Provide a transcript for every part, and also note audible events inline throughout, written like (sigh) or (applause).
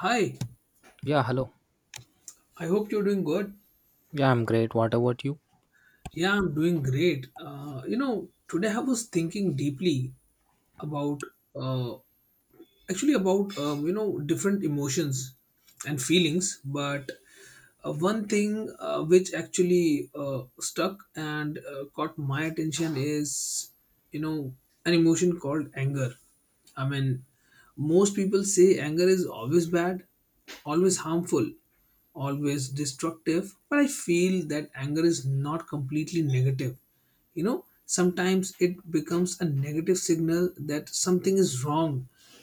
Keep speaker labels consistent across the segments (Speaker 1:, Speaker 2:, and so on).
Speaker 1: Hi,
Speaker 2: Yeah, hello.
Speaker 1: I hope you're doing good.
Speaker 2: Yeah, I'm great. What about you?
Speaker 1: Yeah, I'm doing great. Today I was thinking deeply about uh, actually about different emotions and feelings but one thing which actually stuck and caught my attention is you know an emotion called anger. i mean most people say anger is always bad, always harmful, always destructive, but I feel that anger is not completely negative. Sometimes it becomes a negative signal that something is wrong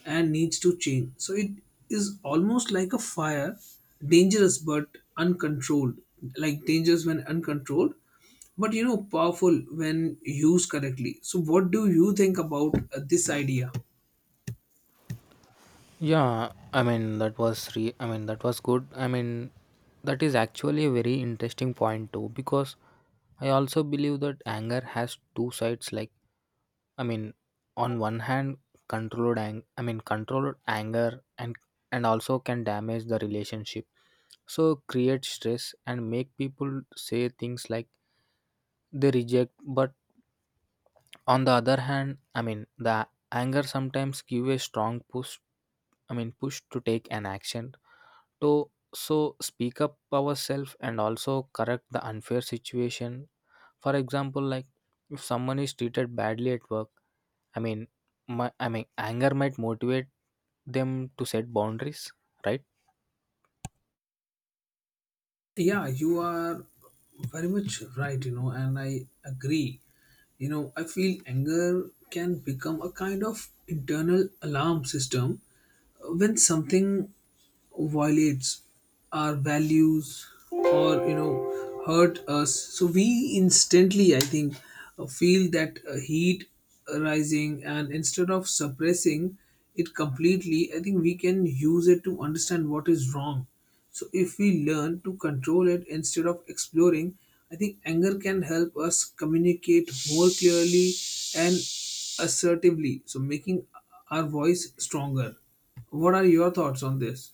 Speaker 1: and needs to change, so it is almost like a fire, dangerous but uncontrolled, like dangerous when uncontrolled but powerful when used correctly. So what do you think about this idea?
Speaker 2: Yeah, I mean I mean that was good. I mean that is actually a very interesting point too, because I also believe that anger has two sides, like I mean, on one hand, I mean controlled anger, and also can damage the relationship. So create stress and make people say things like they reject, but on the other hand, I mean, the anger sometimes give a strong push, I mean push to take an action to, so speak up ourselves and also correct the unfair situation. For example, like if someone is treated badly at work, I mean I mean anger might motivate them to set boundaries, right?
Speaker 1: Yeah, you are very much right, and I agree. I feel anger can become a kind of internal alarm system when something violates our values or hurt us, so we instantly, I think, feel that heat rising, and instead of suppressing it completely, I think we can use it to understand what is wrong. So if we learn to control it instead of exploring, I think anger can help us communicate more clearly and assertively, so making our voice stronger. What are your thoughts on this?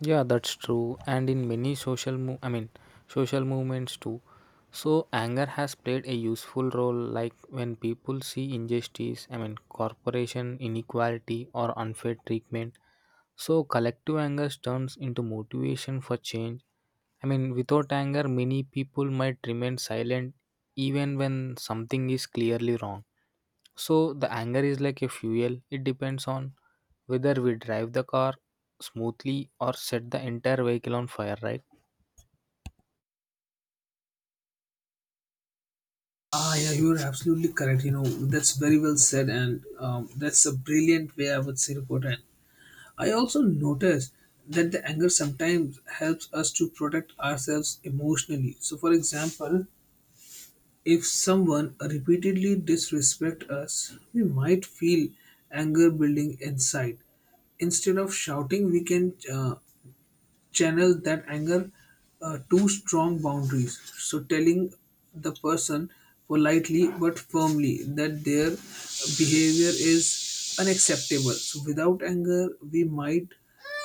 Speaker 2: Yeah, that's true. And in many I mean, social movements too. So anger has played a useful role, like when people see injustice, I mean, corporation inequality or unfair treatment. So collective anger turns into motivation for change. I mean, without anger, many people might remain silent even when something is clearly wrong. So the anger is like a fuel. It depends on whether we drive the car smoothly or set the entire vehicle on fire, right?
Speaker 1: Ah, yeah, you are absolutely correct. You know, that's very well said, and that's a brilliant way, I would say, to put it. I also notice that the anger sometimes helps us to protect ourselves emotionally. So, for example, if someone repeatedly disrespect us, we might feel anger building inside. Instead of shouting, we can channel that anger to strong boundaries. So, telling the person politely but firmly that their behavior is unacceptable. So, without anger, we might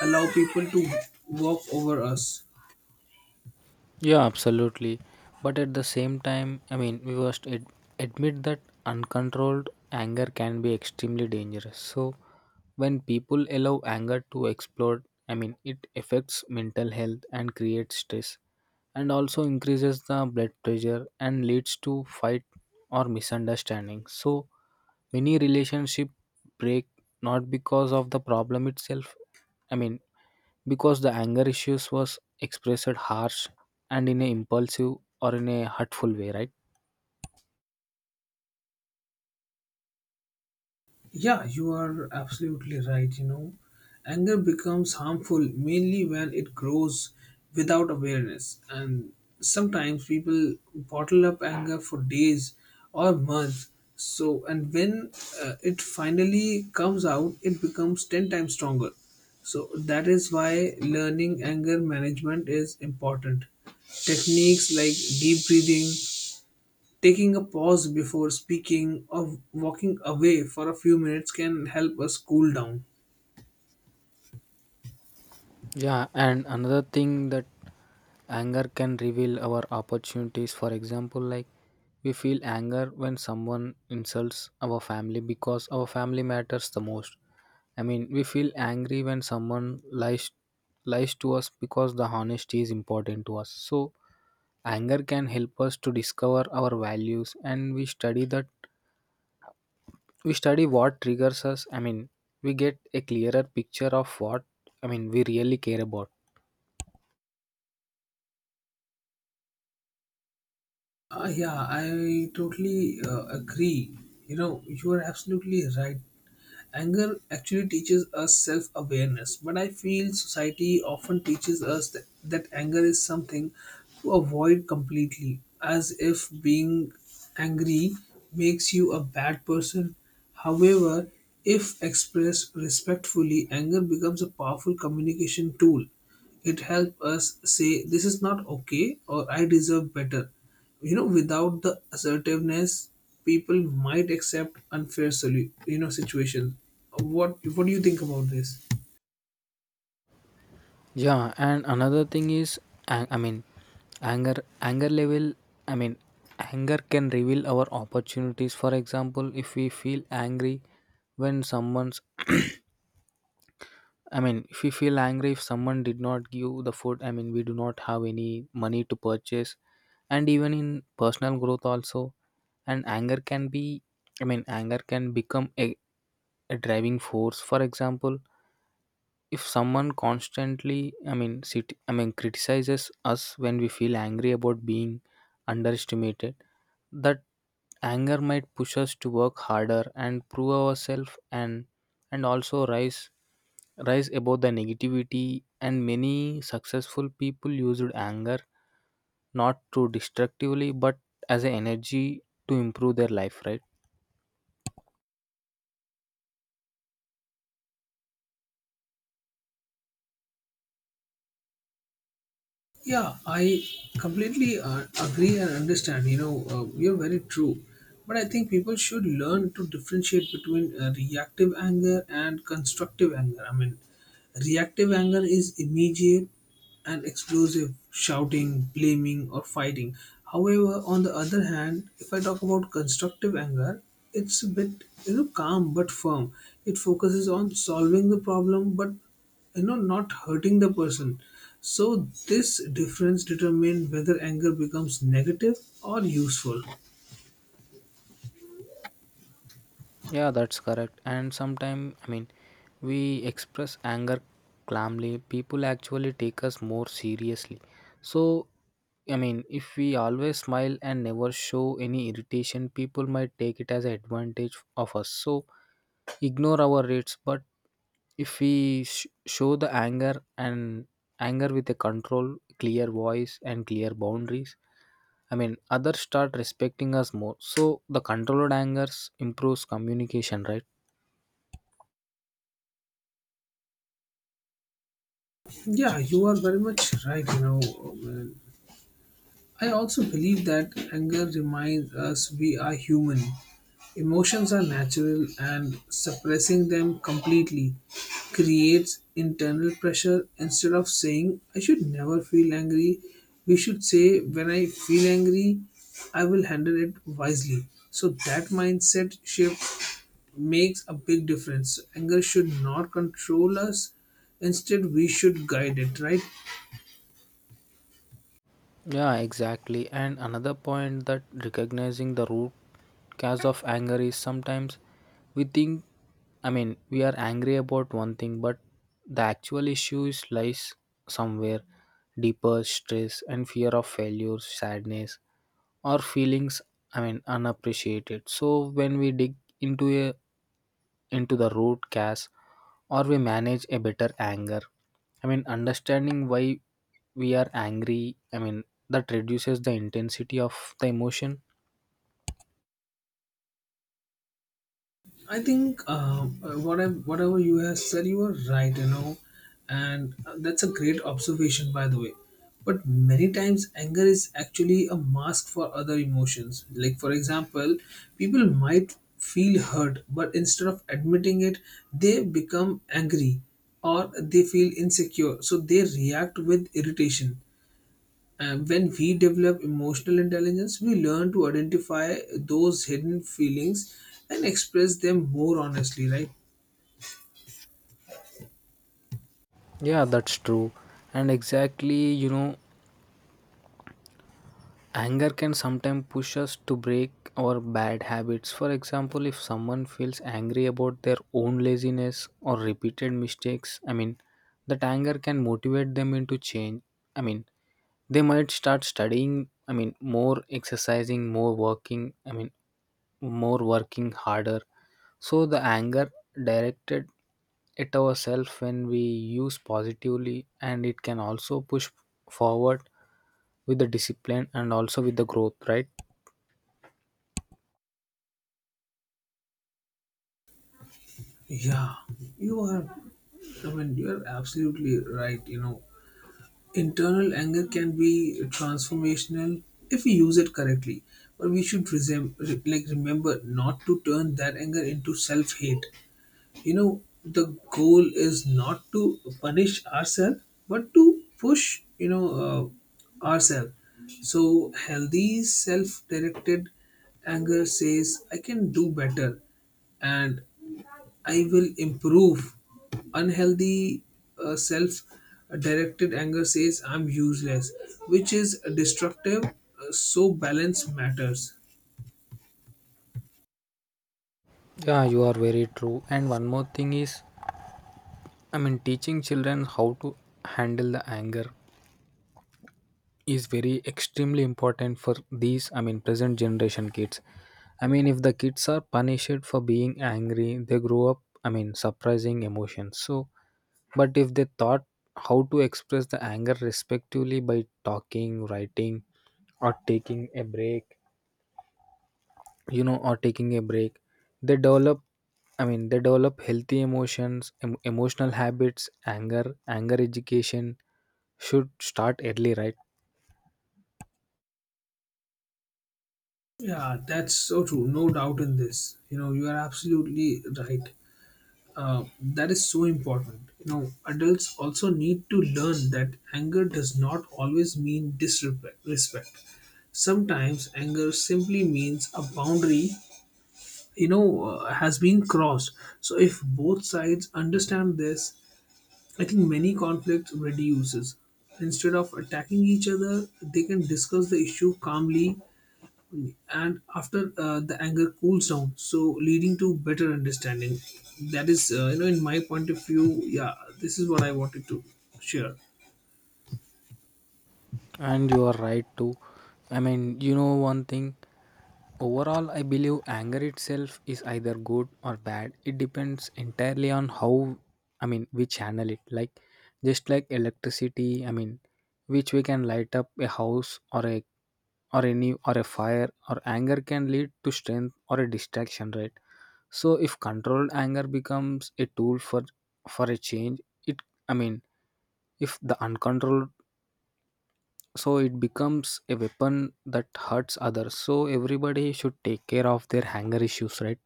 Speaker 1: allow people to walk over us.
Speaker 2: Yeah, absolutely. But at the same time, I mean, we must admit that uncontrolled anger can be extremely dangerous. So, when people allow anger to explode, I mean, it affects mental health and creates stress, and also increases the blood pressure and leads to fight or misunderstanding. So, many relationship break, not because of the problem itself. I mean, because the anger issues was expressed harsh and in a impulsive or in a hurtful way, right?
Speaker 1: Yeah, you are absolutely right. You know, anger becomes harmful mainly when it grows without awareness, and sometimes people bottle up anger for days or months. So, and when it finally comes out, it becomes 10 times stronger. So, that is why learning anger management is important. Techniques like deep breathing, taking a pause before speaking, or walking away for a few minutes can help us cool down.
Speaker 2: Yeah, and another thing that anger can reveal our opportunities, for example, like we feel anger when someone insults our family because our family matters the most. I mean, we feel angry when someone lies to us because the honesty is important to us. So anger can help us to discover our values, and we study that, we study what triggers us. I mean, we get a clearer picture of what, I mean, we really care about.
Speaker 1: Yeah, I totally agree. You know, you are absolutely right. Anger actually teaches us self awareness, but I feel society often teaches us that anger is something to avoid completely, as if being angry makes you a bad person. However, if expressed respectfully, anger becomes a powerful communication tool. It helps us say this is not okay or I deserve better. Without the assertiveness, people might accept unfair solu- situation. What do you think about this?
Speaker 2: Yeah, and another thing is, I mean anger, anger level, I mean anger can reveal our opportunities. For example, if we feel angry when someone's (clears throat) I mean, if you feel angry if someone did not give the food, I mean, we do not have any money to purchase. And even in personal growth, also, and anger can be, I mean, anger can become a driving force. For example, if someone constantly I mean criticizes us when we feel angry about being underestimated, that anger might push us to work harder and prove ourselves, and also rise above the negativity, and many successful people used anger not to destructively but as an energy to improve their life, right?
Speaker 1: Yeah, I completely agree and understand. You're very true, but I think people should learn to differentiate between reactive anger and constructive anger. Reactive anger is immediate and explosive, shouting, blaming, or fighting. However, on the other hand, if I talk about constructive anger, it's a bit, calm but firm. It focuses on solving the problem but not hurting the person. So this difference determines whether anger becomes negative or useful.
Speaker 2: Yeah, that's correct. And sometimes, I mean, we express anger calmly. People actually take us more seriously. So, I mean, if we always smile and never show any irritation, people might take it as an advantage of us. So, ignore our rates. But if we show the anger, and anger with a control, clear voice, and clear boundaries, I mean, others start respecting us more. So, the controlled angers improves communication, right?
Speaker 1: Yeah, you are very much right. You know, man. I also believe that anger reminds us we are human. Emotions are natural, and suppressing them completely creates internal pressure. Instead of saying, I should never feel angry, we should say, when I feel angry, I will handle it wisely. So, that mindset shift makes a big difference. Anger should not control us, instead, we should guide it, right?
Speaker 2: Yeah, exactly. And another point that recognizing the root cause of anger is, sometimes we think, I mean, we are angry about one thing, but the actual issue is, lies somewhere deeper: stress and fear of failure, sadness, or feelings, I mean, unappreciated. So when we dig into a into the root cause, or we manage a better anger, I mean understanding why we are angry, I mean that reduces the intensity of the emotion.
Speaker 1: I think whatever you have said, you are right, and that's a great observation, by the way. But many times, anger is actually a mask for other emotions. Like, for example, people might feel hurt, but instead of admitting it, they become angry, or they feel insecure, so they react with irritation. And when we develop emotional intelligence, we learn to identify those hidden feelings and express them more honestly, right?
Speaker 2: Yeah, that's true. And exactly, you know, anger can sometimes push us to break our bad habits. For example, if someone feels angry about their own laziness or repeated mistakes, I mean, that anger can motivate them into change. I mean, they might start studying, I mean, more exercising, I mean, more working harder, so the anger directed at ourselves when we use positively, and it can also push forward with the discipline and also with the growth, right?
Speaker 1: Yeah, you are, you are absolutely right. You know, internal anger can be transformational if we use it correctly, but we should remember not to turn that anger into self hate. The goal is not to punish ourselves but to push, ourselves. So healthy self-directed anger says I can do better and I will improve. Unhealthy self-directed anger says I'm useless, which is destructive. So balance matters.
Speaker 2: Yeah, you are very true. And one more thing is, I mean teaching children how to handle the anger is very extremely important for these, I mean present generation kids. I mean, if the kids are punished for being angry they grow up, I mean surprising emotions. So but if they thought how to express the anger respectively by talking, writing, or taking a break, you know, or taking a break they develop, I mean they develop healthy emotions, emotional habits. Anger, anger education should start early, right?
Speaker 1: Yeah, that's so true, no doubt in this. You know, you are absolutely right. That is so important. You know, adults also need to learn that anger does not always mean disrespect. Respect. Sometimes anger simply means a boundary, has been crossed. So if both sides understand this, I think many conflicts reduces. Instead of attacking each other, they can discuss the issue calmly and after the anger cools down, so leading to better understanding. That is, in my point of view, yeah, this is what I wanted to share.
Speaker 2: And you are right too. I mean, you know, one thing: overall I believe anger itself is either good or bad. It depends entirely on how, I mean, we channel it, like just like electricity, I mean, which we can light up a house or a, or any, or a fire, or anger can lead to strength or a distraction, right? So if controlled anger becomes a tool for, a change, it, I mean, if the uncontrolled, so it becomes a weapon that hurts others. So everybody should take care of their hanger issues, right?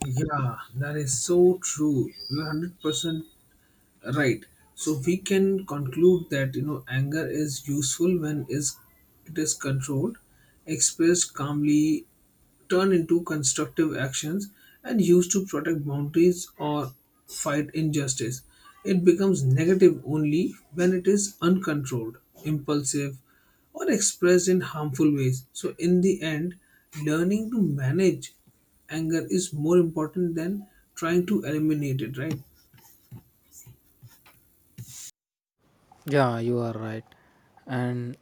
Speaker 1: Yeah, that is so true. You're 100% right. So we can conclude that, you know, anger is useful when is it is controlled, expressed calmly, turn into constructive actions, and used to protect boundaries or fight injustice. It becomes negative only when it is uncontrolled, impulsive, or expressed in harmful ways. So, in the end, learning to manage anger is more important than trying to eliminate it, right?
Speaker 2: Yeah, you are right. and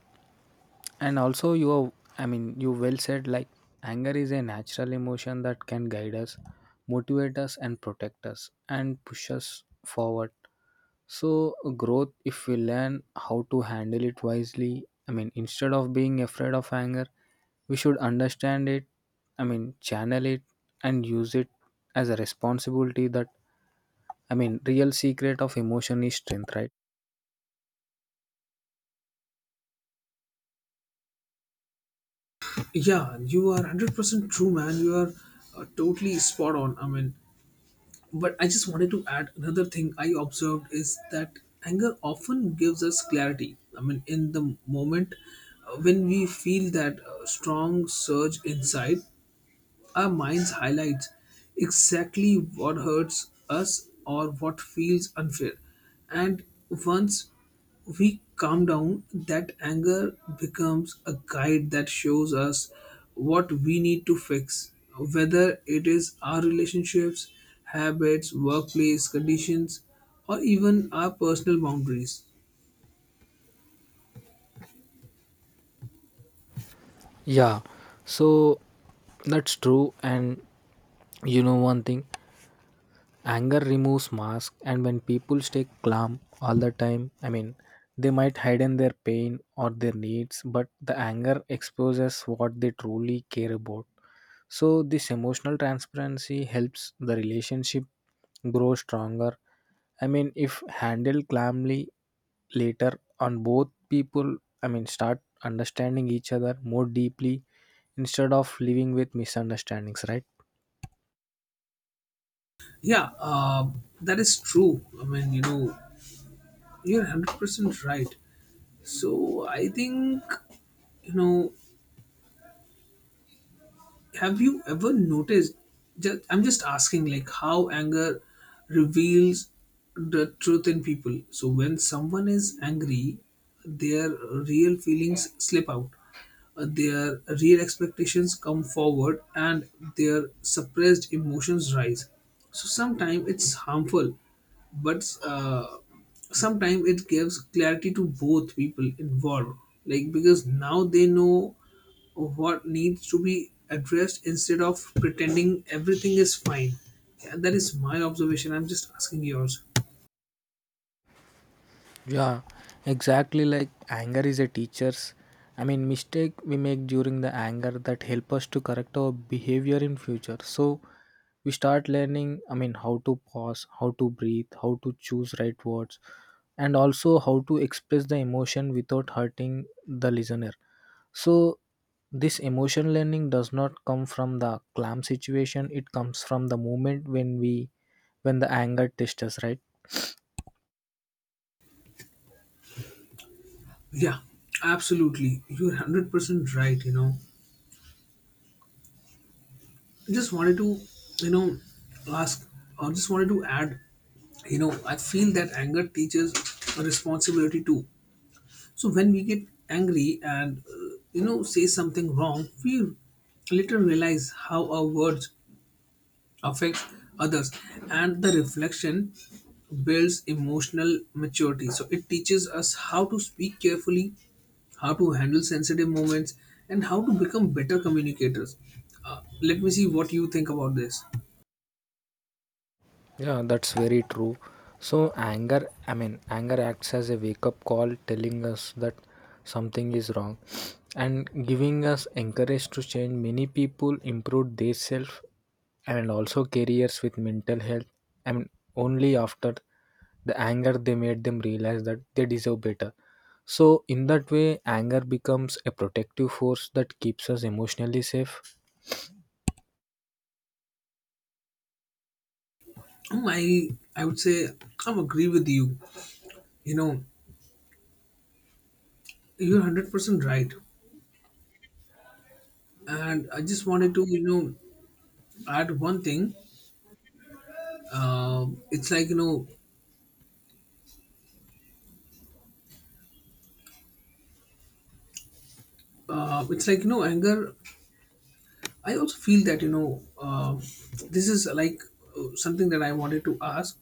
Speaker 2: and also you are, I mean, you well said, like anger is a natural emotion that can guide us, motivate us, and protect us, and push us forward. So, growth, if we learn how to handle it wisely, I mean, instead of being afraid of anger, we should understand it, I mean, channel it, and use it as a responsibility that, I mean, real secret of emotion is strength, right?
Speaker 1: Yeah, you are 100% true, man. You are totally spot on. But I just wanted to add another thing I observed is that anger often gives us clarity. I mean, in the moment, when we feel that strong surge inside, our minds highlights exactly what hurts us or what feels unfair. And once we calm down, that anger becomes a guide that shows us what we need to fix, whether it is our relationships, habits, workplace conditions, or even our personal boundaries.
Speaker 2: Yeah. So, that's true. And you know, one thing. Anger removes mask, and when people stay calm all the time, I mean, they might hide in their pain or their needs, but the anger exposes what they truly care about. So this emotional transparency helps the relationship grow stronger, I mean, if handled calmly later on. Both people, I mean, start understanding each other more deeply instead of living with misunderstandings, right?
Speaker 1: Yeah, that is true. I mean, you know, you're 100% right. So I think, you know, have you ever noticed, just I'm just asking, like, how anger reveals the truth in people? So when someone is angry, their real feelings slip out. Their real expectations come forward, and their suppressed emotions rise. So sometimes it's harmful, but uh, sometimes it gives clarity to both people involved, like, because now they know what needs to be addressed instead of pretending everything is fine. Yeah, that is my observation. I'm just asking yours.
Speaker 2: Yeah, exactly, like anger is a teacher's. I mean, mistake we make during the anger that help us to correct our behavior in future. So we start learning, I mean, how to pause, how to breathe, how to choose right words, and also how to express the emotion without hurting the listener. So this emotion learning does not come from the calm situation. It comes from the moment when we, when the anger tests us, right?
Speaker 1: Yeah, absolutely. You're 100% right. You know, I just wanted to, you know, ask, or just wanted to add, you know, I feel that anger teaches a responsibility too. So when we get angry and, say something wrong, we later realize how our words affects others, and the reflection builds emotional maturity. So it teaches us how to speak carefully, how to handle sensitive moments, and how to become better communicators. Let me see what you think about this.
Speaker 2: Yeah, that's very true. So, anger, I mean, anger acts as a wake up call telling us that something is wrong and giving us encourage to change. Many people improve their self and also careers with mental health. I mean, only after the anger they made them realize that they deserve better. So, in that way, anger becomes a protective force that keeps us emotionally safe.
Speaker 1: Um, i I would say I agree with you. You know, you're 100% right, and I just wanted to, you know, add one thing. It's like, you know, it's like, you know, anger, I also feel that, you know, this is like something that I wanted to ask.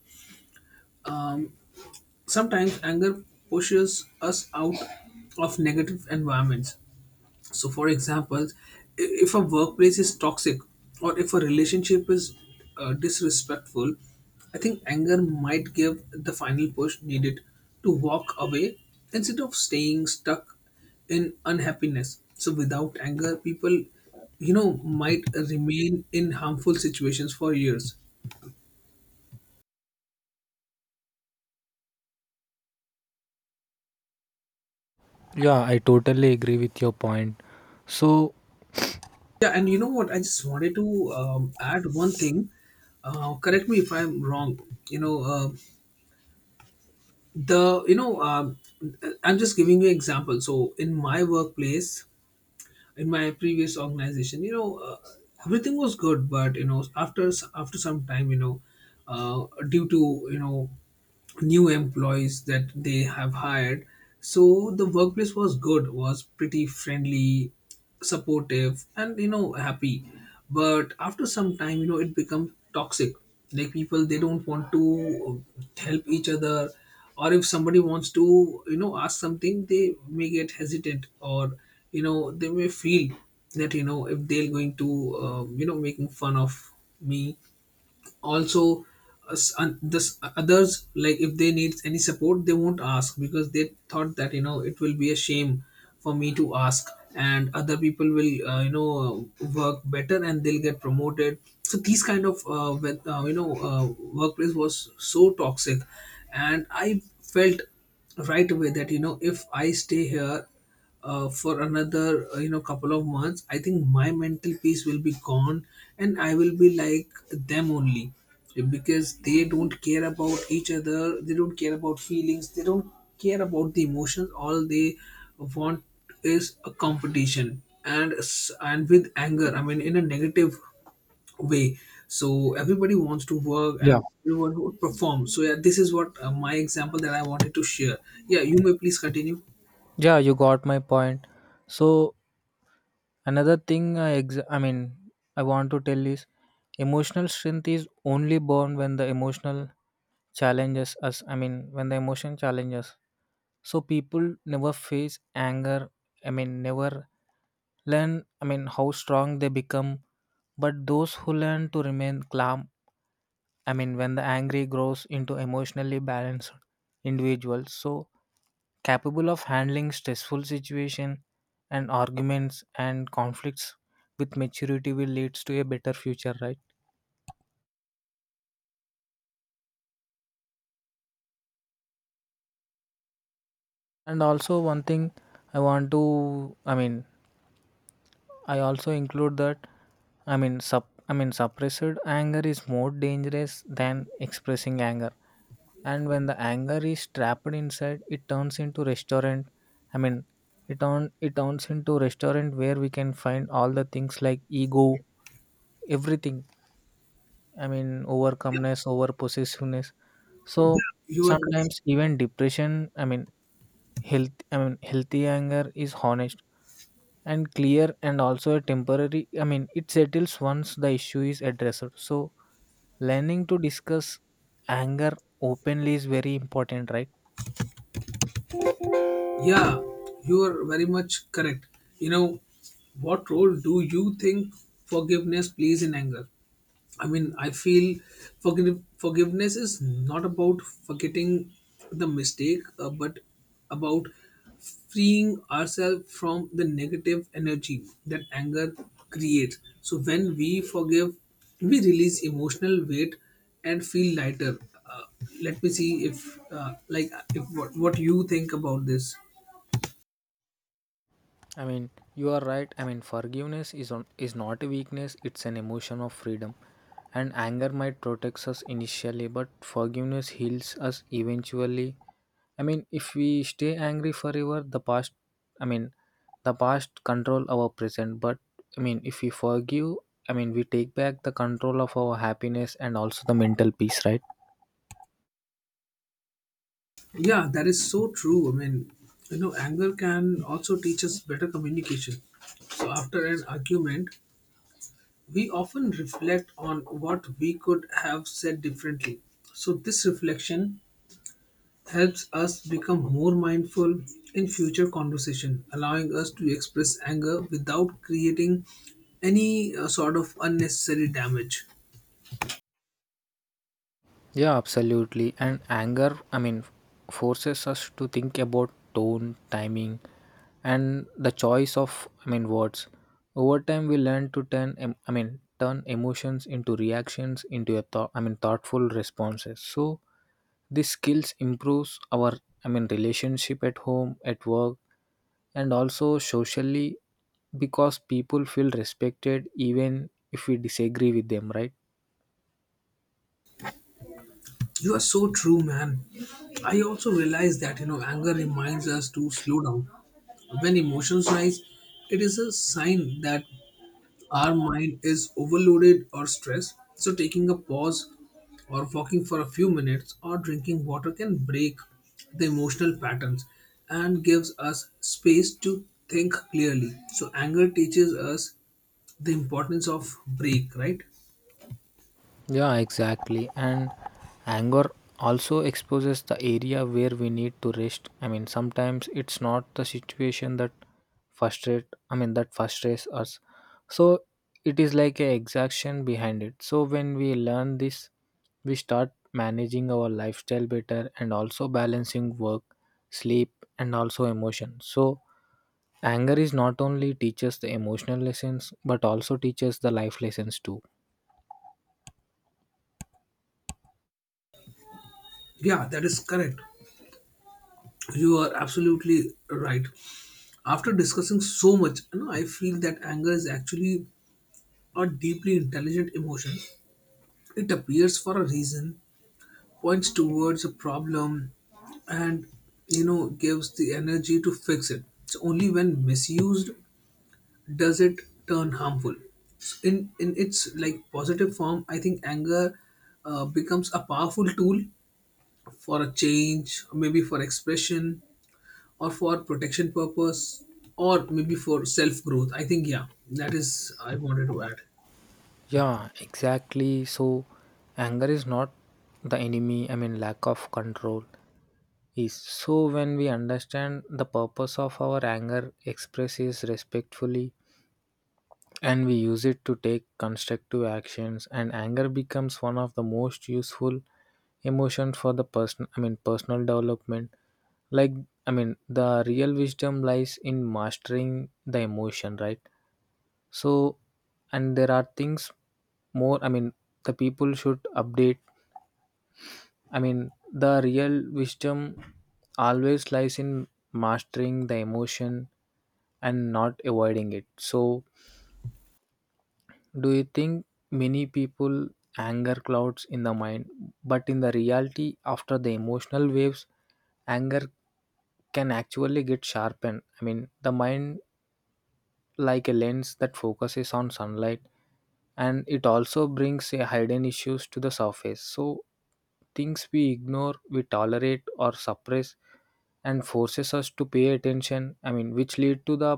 Speaker 1: Sometimes anger pushes us out of negative environments. So, for example, if a workplace is toxic or if a relationship is disrespectful, I think anger might give the final push needed to walk away instead of staying stuck in unhappiness. So, without anger, people, you know, might remain in harmful situations for years.
Speaker 2: Yeah, I totally agree with your point. So,
Speaker 1: Yeah, and you know what? I just wanted to add one thing. Correct me if I'm wrong. You know, the you know I'm just giving you example. So in my workplace, in my previous organization, everything was good, but you know, after after some time, you know, due to, you know, new employees that they have hired. So the workplace was good, was pretty friendly, supportive, and, you know, happy. But after some time, you know, it becomes toxic. Like people, they don't want to help each other, or if somebody wants to, ask something, they may get hesitant, or they may feel that if they're going to, making fun of me also. This others, like if they need any support, they won't ask because they thought that it will be a shame for me to ask, and other people will work better and they'll get promoted. So these kind of workplace was so toxic. And I felt right away that if I stay here for another couple of months, I think my mental peace will be gone and I will be like them only, because they don't care about each other, they don't care about feelings, they don't care about the emotions. All they want is a competition and with anger, I mean, in a negative way. So everybody wants to work
Speaker 2: yeah.
Speaker 1: and everyone would perform. So yeah, this is what, my example that I wanted to share. Yeah, you may please continue.
Speaker 2: Yeah, you got my point. So, another thing I mean I want to tell is, emotional strength is only born when the emotional challenges us. I mean when the emotion challenges. So people never face anger, I mean never learn, I mean, how strong they become. But those who learn to remain calm, I mean, when the angry grows into emotionally balanced individuals, so capable of handling stressful situation and arguments and conflicts with maturity, will leads to a better future, right? And also one thing I want to, I mean, I also include that, I mean, I mean, suppressed anger is more dangerous than expressing anger, and when the anger is trapped inside it turns into restaurant, I mean, it turns into restaurant where we can find all the things, like ego, everything, I mean,
Speaker 1: yeah,
Speaker 2: overcomeness, over possessiveness, so
Speaker 1: yeah, you are correct.
Speaker 2: sometimes even depression, I mean health, I mean healthy anger is honest and clear and also a temporary. I mean, it settles once the issue is addressed. So learning to discuss anger openly is very important, right?
Speaker 1: Yeah, you are very much correct. You know, what role do you think forgiveness plays in anger? I mean, I feel forgiveness is not about forgetting the mistake, but about freeing ourselves from the negative energy that anger creates. So, when we forgive, we release emotional weight and feel lighter. Uh, Let me see if, like, if what, what you think about this.
Speaker 2: I mean, you are right. I mean, forgiveness is not a weakness; it's an emotion of freedom. And anger might protect us initially, but forgiveness heals us eventually. I mean, if we stay angry forever, the past, I mean, the past control our present. But I mean, if we forgive, I mean, we take back the control of our happiness and also the mental peace, right?
Speaker 1: Yeah, that is so true. I mean, you know, anger can also teach us better communication. So, after an argument, we often reflect on what we could have said differently. So, this reflection helps us become more mindful in future conversation, allowing us to express anger without creating any sort of unnecessary damage.
Speaker 2: Yeah, absolutely. And anger, I mean, forces us to think about tone, timing, and the choice of, I mean, words. Over time, we learn to turn, I mean, turn emotions into reactions, into a thought, I mean, thoughtful responses. So these skills improves our, I mean, relationship at home, at work, and also socially, because people feel respected even if we disagree with them, right?
Speaker 1: You are so true, man. I also realize that, you know, anger reminds us to slow down. When emotions rise, it is a sign that our mind is overloaded or stressed. So, taking a pause or walking for a few minutes or drinking water can break the emotional patterns and gives us space to think clearly. So, anger teaches us the importance of break, right?
Speaker 2: Yeah, exactly. And anger also exposes the area where we need to rest. I mean, sometimes it's not the situation that frustrate, I mean, that frustrates us. So it is like a exaction behind it. So when we learn this, we start managing our lifestyle better and also balancing work, sleep, and also emotion. So anger is not only teaches the emotional lessons but also teaches the life lessons too.
Speaker 1: Yeah, that is correct. You are absolutely right. After discussing so much, you know, I feel that anger is actually a deeply intelligent emotion. It appears for a reason, points towards a problem, and you know, gives the energy to fix it. So only when misused does it turn harmful. So in its, like, positive form, I think anger becomes a powerful tool for a change, maybe for expression, or for protection purpose, or maybe for self growth. I think, yeah, that is I wanted to add.
Speaker 2: Yeah, exactly. So, anger is not the enemy, I mean, lack of control is. So, when we understand the purpose of our anger, expresses respectfully, and we use it to take constructive actions, and anger becomes one of the most useful emotions for the person, I mean, personal development. Like, I mean, the real wisdom lies in mastering the emotion, right? So, and there are things more, I mean, the people should update. I mean, the real wisdom always lies in mastering the emotion and not avoiding it. So, do you think many people anger clouds in the mind, but in the reality, after the emotional waves, anger can actually get sharpened? I mean, the mind like a lens that focuses on sunlight, and it also brings a hidden issues to the surface, so things we ignore, we tolerate, or suppress, and forces us to pay attention, I mean which lead to the,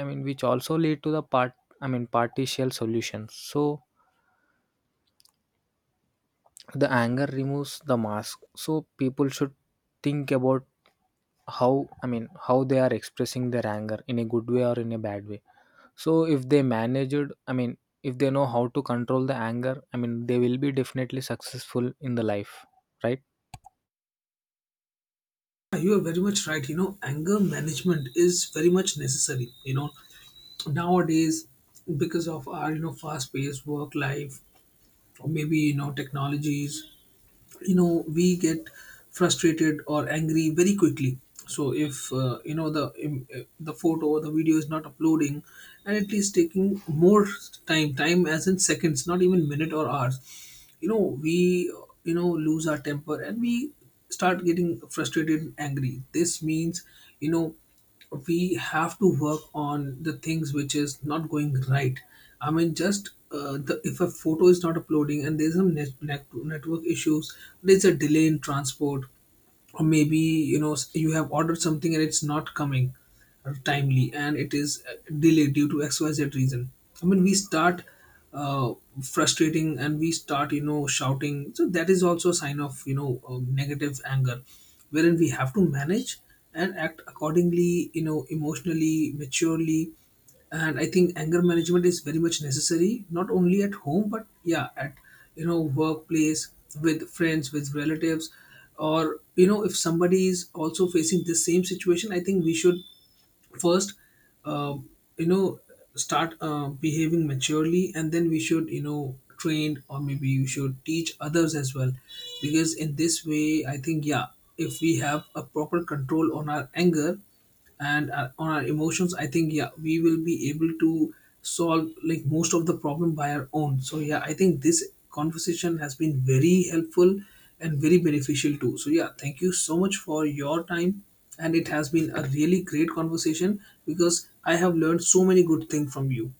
Speaker 2: I mean which also lead to the part, I mean partial solutions. So the anger removes the mask, so people should think about how, I mean how they are expressing their anger, in a good way or in a bad way. So if they managed, I mean, if they know how to control the anger, I mean, they will be definitely successful in the life, right?
Speaker 1: Yeah, you are very much right. You know, anger management is very much necessary, you know, nowadays because of our, you know, fast paced work life or maybe, you know, technologies. You know, we get frustrated or angry very quickly. So if, you know, the the photo or the video is not uploading and at least taking more time, as in seconds, not even minute or hours, you know, we, you know, lose our temper and we start getting frustrated and angry. This means, you know, we have to work on the things which is not going right. I mean, just if a photo is not uploading and there's some network issues, there's a delay in transport, or maybe, you know, you have ordered something and it's not coming timely and it is delayed due to xyz reason, I mean, we start uh, frustrating and we start, you know, shouting. So that is also a sign of, you know, negative anger, wherein we have to manage and act accordingly, you know, emotionally, maturely. And I think anger management is very much necessary, not only at home but yeah, at, you know, workplace, with friends, with relatives, or you know, if somebody is also facing the same situation, I think we should first, uh, you know start behaving maturely, and then we should, you know, train, or maybe you should teach others as well. Because in this way, I think, yeah, if we have a proper control on our anger and on our emotions, I think, yeah, we will be able to solve like most of the problem by our own. So yeah, I think this conversation has been very helpful and very beneficial too. So, yeah, thank you so much for your time. And it has been a really great conversation because I have learned so many good things from you.